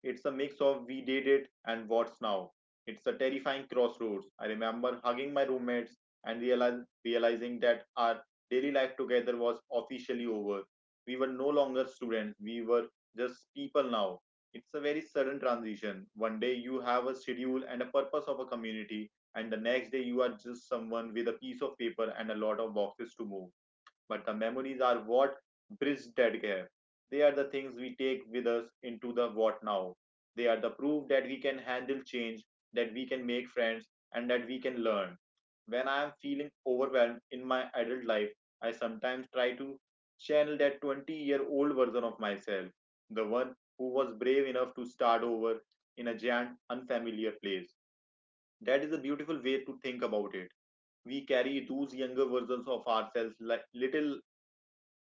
S2: It's a mix of we did it and what's now. It's a terrifying crossroads. I remember hugging my roommates and realize, realizing that our daily life together was officially over. We were no longer students, we were just people now. It's a very sudden transition. One day you have a schedule and a purpose of a community, and the next day you are just someone with a piece of paper and a lot of boxes to move, but the memories are what bridge that gap. They are the things we take with us into the what now. They are the proof that we can handle change, that we can make friends, and that we can learn. When I am feeling overwhelmed in my adult life, I sometimes try to channel that twenty year old version of myself, the one who was brave enough to start over in a giant, unfamiliar place. That is a beautiful way to think about it. We carry those younger versions of ourselves like little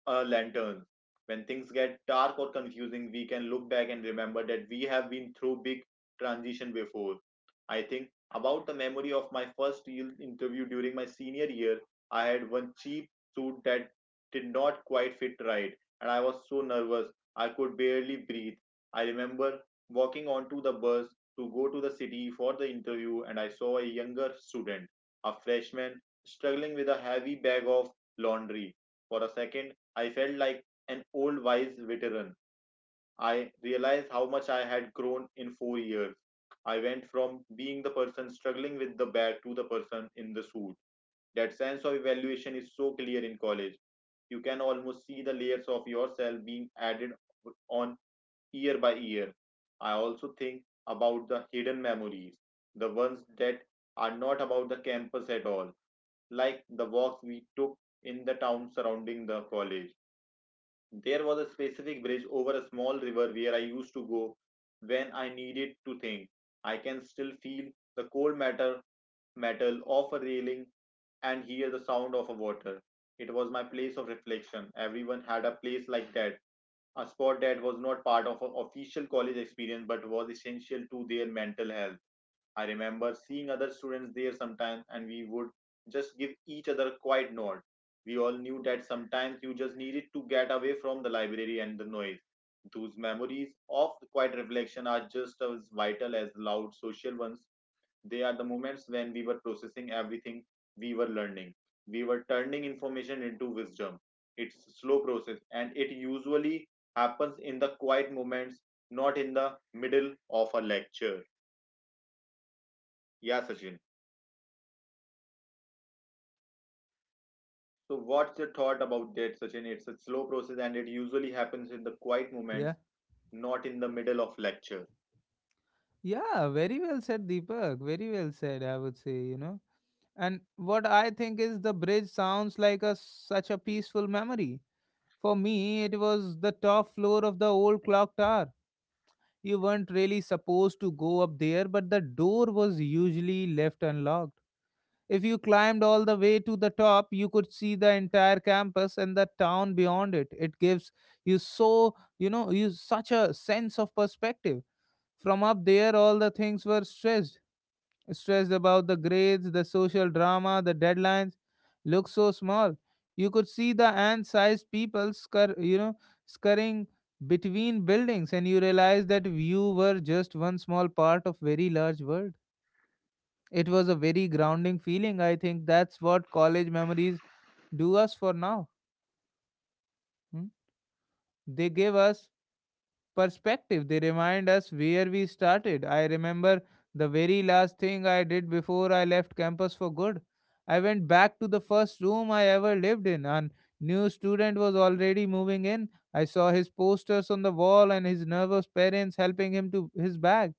S2: a lantern. When things get dark or confusing, we can look back and remember that we have been through big transition before. I think about the memory of my first real interview during my senior year. I had one cheap suit that did not quite fit right, and I was so nervous I could barely breathe. I remember walking onto the bus to go to the city for the interview, and I saw a younger student, a freshman, struggling with a heavy bag of laundry. For a second, I felt like an old wise veteran. I realized how much I had grown in four years. I went from being the person struggling with the bag to the person in the suit. That sense of evaluation is so clear in college. You can almost see the layers of yourself being added on year by year. I also think about the hidden memories, the ones that are not about the campus at all, like the walks we took in the town surrounding the college. There was a specific bridge over a small river where I used to go when I needed to think. I can still feel the cold matter metal of a railing and hear the sound of a water. It was my place of reflection. Everyone had a place like that, a spot that was not part of an official college experience but was essential to their mental health. I remember seeing other students there sometimes, and we would just give each other a quiet nod. We all knew that sometimes you just needed to get away from the library and the noise. Those memories of the quiet reflection are just as vital as loud social ones. They are the moments when we were processing everything we were learning. We were turning information into wisdom. It's a slow process, and it usually happens in the quiet moments, not in the middle of a lecture. Yeah, Sachin. So, what's your thought about that, Sachin? It's a slow process and it usually happens in the quiet moments,
S1: Yeah.
S2: not in the middle of lecture.
S1: Yeah, very well said, Deepak. Very well said, I would say, you know. And what I think is the bridge sounds like a such a peaceful memory. For me, it was the top floor of the old clock tower. You weren't really supposed to go up there, but the door was usually left unlocked. If you climbed all the way to the top, you could see the entire campus and the town beyond it. It gives you so, you know, you such a sense of perspective. From up there, all the things were stressed stressed about the grades, the social drama, the deadlines, looked so small. You could see the ant-sized people scur- you know, scurrying between buildings, and you realized that you were just one small part of very large world. It was a very grounding feeling. I think that's what college memories do us for now. Hmm? They give us perspective. They remind us where we started. I remember the very last thing I did before I left campus for good. I went back to the first room I ever lived in, and new student was already moving in. I saw his posters on the wall and his nervous parents helping him to his bag.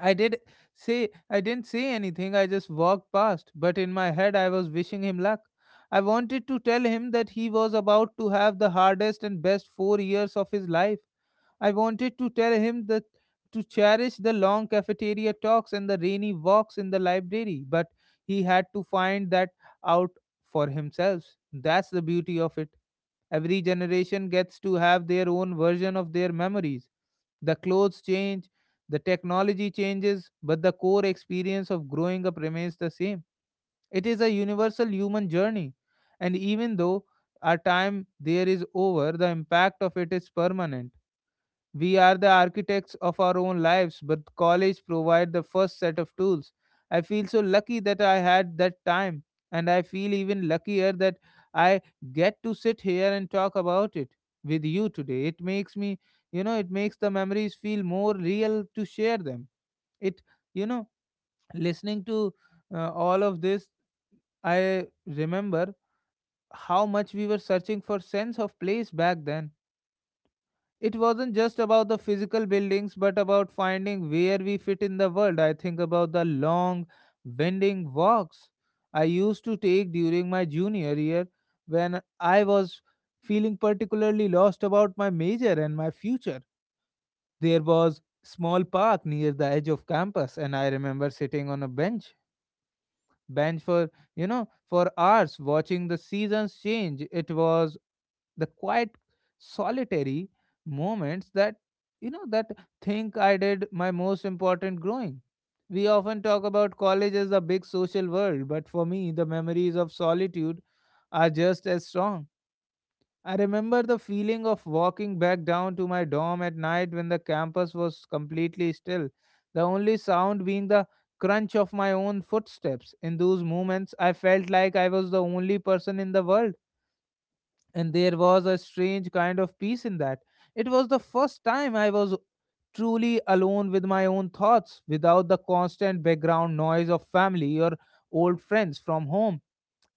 S1: I did say I didn't say anything. I just walked past, but in my head I was wishing him luck. I wanted to tell him that he was about to have the hardest and best four years of his life. I wanted to tell him that to cherish the long cafeteria talks and the rainy walks in the library, but he had to find that out for himself. That's the beauty of it. Every generation gets to have their own version of their memories. The clothes change, the technology changes, but the core experience of growing up remains the same. It is a universal human journey. And even though our time there is over, the impact of it is permanent. We are the architects of our own lives, but college provide the first set of tools. I feel so lucky that I had that time, and I feel even luckier that I get to sit here and talk about it with you today. It makes me, you know, it makes the memories feel more real to share them. It, you know, listening to uh, all of this, I remember how much we were searching for sense of place back then. It wasn't just about the physical buildings but about finding where we fit in the world. I think about the long winding walks I used to take during my junior year when I was feeling particularly lost about my major and my future. There was small park near the edge of campus and I remember sitting on a bench bench for you know for hours watching the seasons change. It was the quiet solitary moments that you know that think I did my most important growing. We often talk about college as a big social world but for me the memories of solitude are just as strong. I remember the feeling of walking back down to my dorm at night when the campus was completely still, the only sound being the crunch of my own footsteps. In those moments, I felt like I was the only person in the world, and there was a strange kind of peace in that. It was the first time I was truly alone with my own thoughts without the constant background noise of family or old friends from home.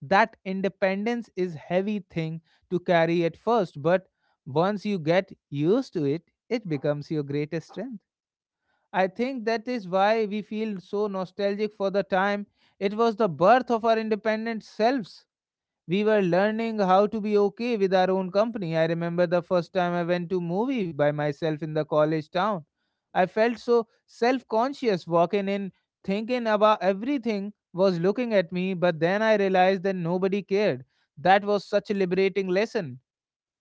S1: That independence is heavy thing to carry at first, but once you get used to it, it becomes your greatest strength. I think that is why we feel so nostalgic for the time. It was the birth of our independent selves. We were learning how to be okay with our own company. I remember the first time I went to movie by myself in the college town. I felt so self-conscious walking in thinking about everything was looking at me, but then I realized that nobody cared. That was such a liberating lesson.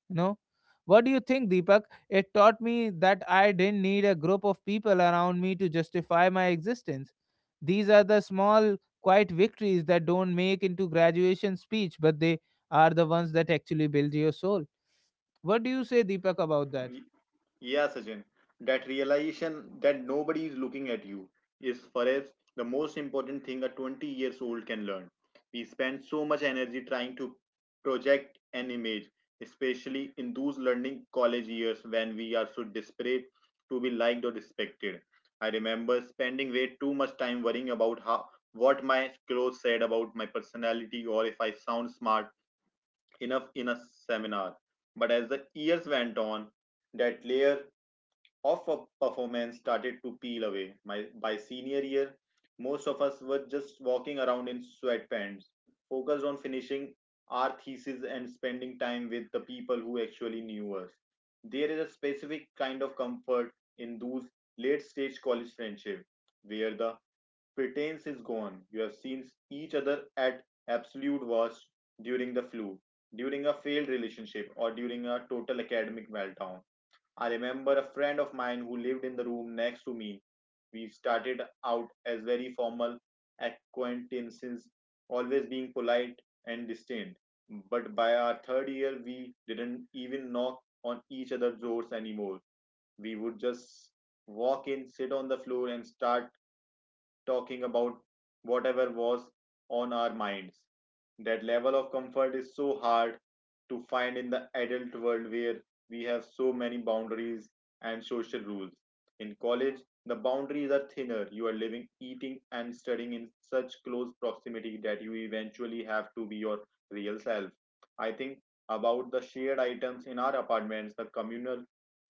S1: You know, what do you think, Deepak? It taught me that I didn't need a group of people around me to justify my existence. These are the small quiet victories that don't make into graduation speech but they are the ones that actually build your soul. What do you say, Deepak, about that?
S2: Yeah, Sachin, that realization that nobody is looking at you is perhaps the most important thing a twenty years old can learn. We spend so much energy trying to project an image, especially in those learning college years when we are so desperate to be liked or respected. I remember spending way too much time worrying about how what my clothes said about my personality or if I sound smart enough in a seminar. But as the years went on, that layer of a performance started to peel away. My, by senior year, most of us were just walking around in sweatpants, focused on finishing our thesis and spending time with the people who actually knew us. There is a specific kind of comfort in those late stage college friendship where the pretense is gone. You have seen each other at absolute worst during the flu, during a failed relationship, or during a total academic meltdown. I remember a friend of mine who lived in the room next to me. We started out as very formal acquaintances, always being polite and distant. But by our third year, we didn't even knock on each other's doors anymore. We would just walk in, sit on the floor, and start talking about whatever was on our minds. That level of comfort is so hard to find in the adult world where we have so many boundaries and social rules. In college, the boundaries are thinner. You are living, eating, and studying in such close proximity that you eventually have to be your real self. I think about the shared items in our apartments, the communal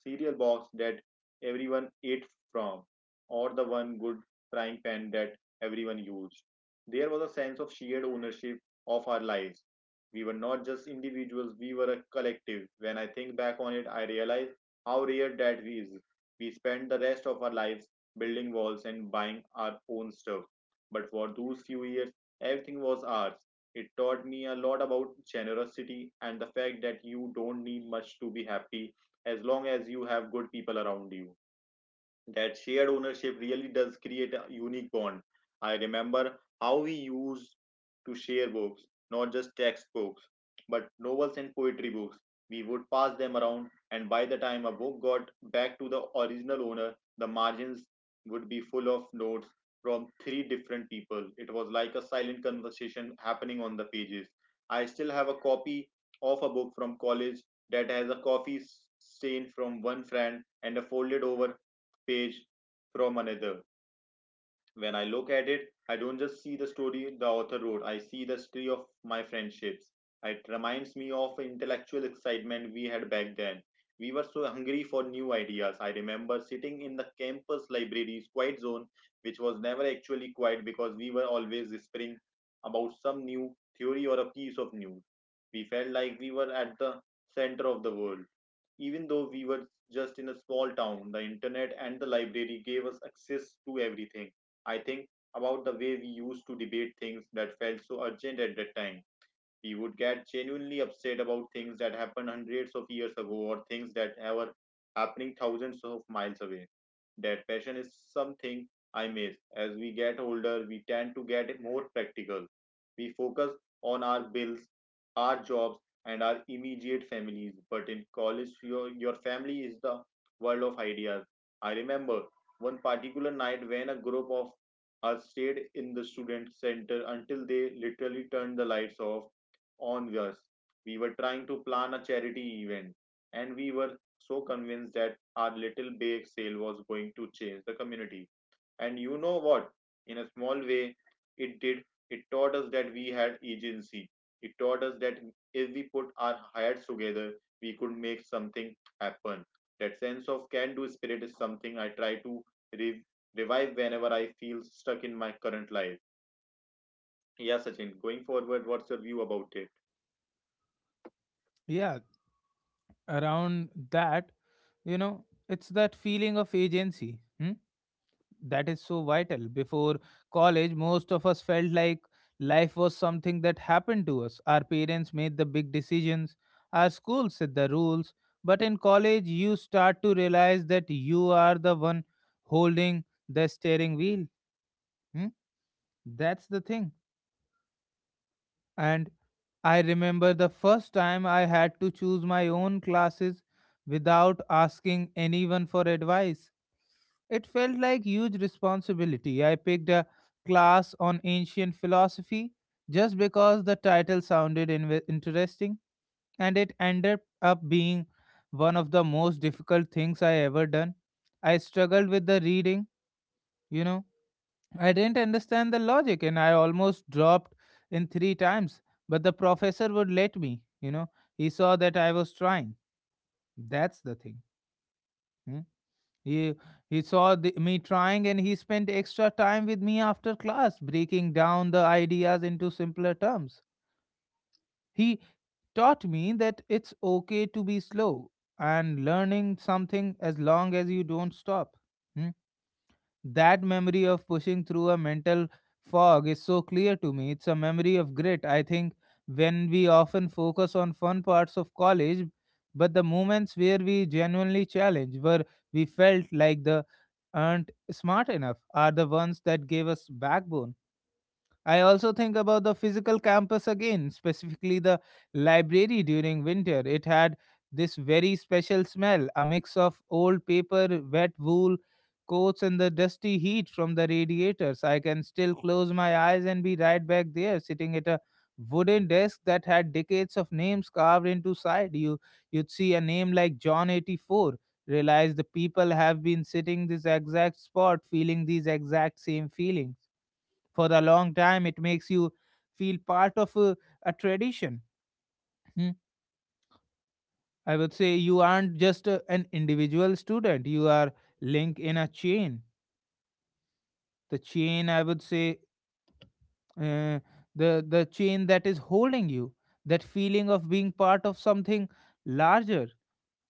S2: cereal box that everyone ate from, or the one good frying pan that everyone used. There was a sense of shared ownership of our lives. We were not just individuals, we were a collective. When I think back on it, I realize how rare that is. We spend the rest of our lives building walls and buying our own stuff. But for those few years, everything was ours. It taught me a lot about generosity and the fact that you don't need much to be happy as long as you have good people around you. That shared ownership really does create a unique bond. I remember how we used to share books, not just textbooks, but novels and poetry books. We would pass them around, and by the time a book got back to the original owner, the margins would be full of notes from three different people. It was like a silent conversation happening on the pages. I still have a copy of a book from college that has a coffee stain from one friend and a folded over page from another. When I look at it, I don't just see the story the author wrote, I see the story of my friendships. It reminds me of intellectual excitement we had back then. We were so hungry for new ideas. I remember sitting in the campus library's quiet zone, which was never actually quiet because we were always whispering about some new theory or a piece of news. We felt like we were at the center of the world. Even though we were just in a small town, the internet and the library gave us access to everything. I think about the way we used to debate things that felt so urgent at that time. We would get genuinely upset about things that happened hundreds of years ago or things that are happening thousands of miles away. That passion is something I miss. As we get older, we tend to get more practical. We focus on our bills, our jobs, and our immediate families. But in college, your, your family is the world of ideas. I remember one particular night when a group of us stayed in the student center until they literally turned the lights off onwards, we were trying to plan a charity event, and we were so convinced that our little bake sale was going to change the community. And you know what? In a small way, it did. It taught us that we had agency. It taught us that if we put our heads together, we could make something happen. That sense of can do spirit is something I try to re- revive whenever I feel stuck in my current life. Yeah, Sachin, going forward, what's your view about it?
S1: Yeah, around that, you know, it's that feeling of agency. Hmm. That is so vital. Before college, most of us felt like life was something that happened to us. Our parents made the big decisions, our school set the rules. But in college, you start to realize that you are the one holding the steering wheel. Hmm? That's the thing. And I remember the first time I had to choose my own classes without asking anyone for advice. It felt like huge responsibility. I picked a class on ancient philosophy just because the title sounded inve interesting, and it ended up being one of the most difficult things I ever done. I struggled with the reading, you know. I didn't understand the logic, and I almost dropped in three times, but the professor would let me, you know. He saw that I was trying. That's the thing. Hmm? He, he saw the, me trying and he spent extra time with me after class, breaking down the ideas into simpler terms. He taught me that it's okay to be slow and learning something as long as you don't stop. Hmm? That memory of pushing through a mental fog is so clear to me. It's a memory of grit. I think when we often focus on fun parts of college, but the moments where we genuinely challenged, where we felt like the aren't smart enough, are the ones that gave us backbone. I also think about the physical campus again, specifically the library during winter. It had this very special smell, a mix of old paper, wet wool, coats, and the dusty heat from the radiators. I can still close my eyes and be right back there, sitting at a wooden desk that had decades of names carved into side. You you'd see a name like John eighty-four, realize the people have been sitting this exact spot, feeling these exact same feelings for a long time. It makes you feel part of a, a tradition. Hmm. I would say you aren't just a, an individual student. You are linked in a chain. The chain, I would say, uh, the the chain that is holding you. That feeling of being part of something larger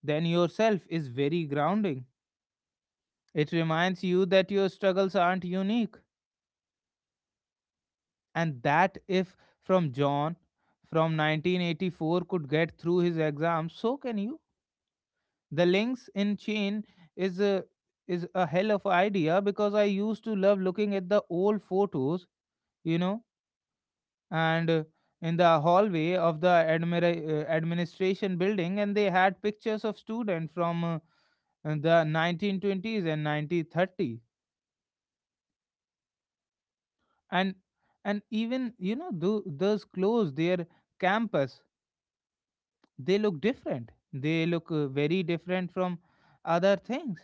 S1: than yourself is very grounding. It reminds you that your struggles aren't unique, and that if from John from nineteen eighty-four could get through his exams, so can you. The links in chain is a is a hell of an idea because I used to love looking at the old photos, you know, and uh, in the hallway of the admira- uh, administration building, and they had pictures of students from uh, the nineteen twenties and nineteen thirty, and and even you know tho- those clothes, their campus, they look different. They look uh, very different from other things.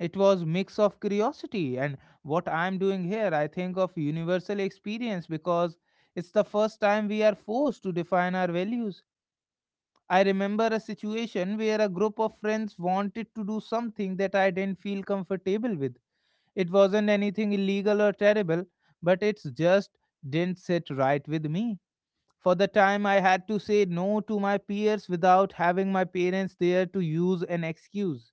S1: It was mix of curiosity and what I'm doing here. I think of universal experience because it's the first time we are forced to define our values. I remember a situation where a group of friends wanted to do something that I didn't feel comfortable with. It wasn't anything illegal or terrible, but it's just didn't sit right with me. For the time I had to say no to my peers without having my parents there to use an excuse.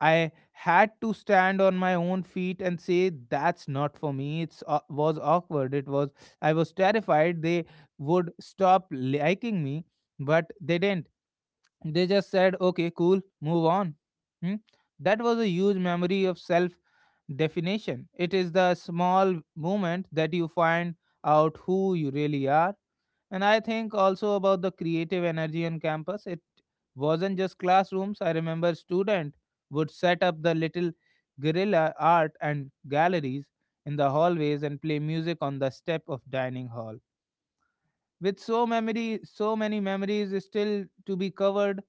S1: I had to stand on my own feet and say that's not for me. It's uh, was awkward. It was I was terrified they would stop liking me, but they didn't. They just said, "Okay, cool, move on." Hmm? That was a huge memory of self definition. It is the small moment that you find out who you really are. And I think also about the creative energy on campus. It wasn't just classrooms. I remember student would set up the little guerrilla art and galleries in the hallways and play music on the step of dining hall. With so memory, so many memories still to be covered,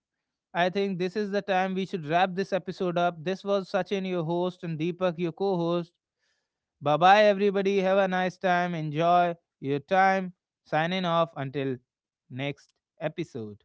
S1: I think this is the time we should wrap this episode up. This was Sachin, your host, and Deepak, your co host. Bye bye, everybody. Have a nice time. Enjoy your time. Signing off until next episode.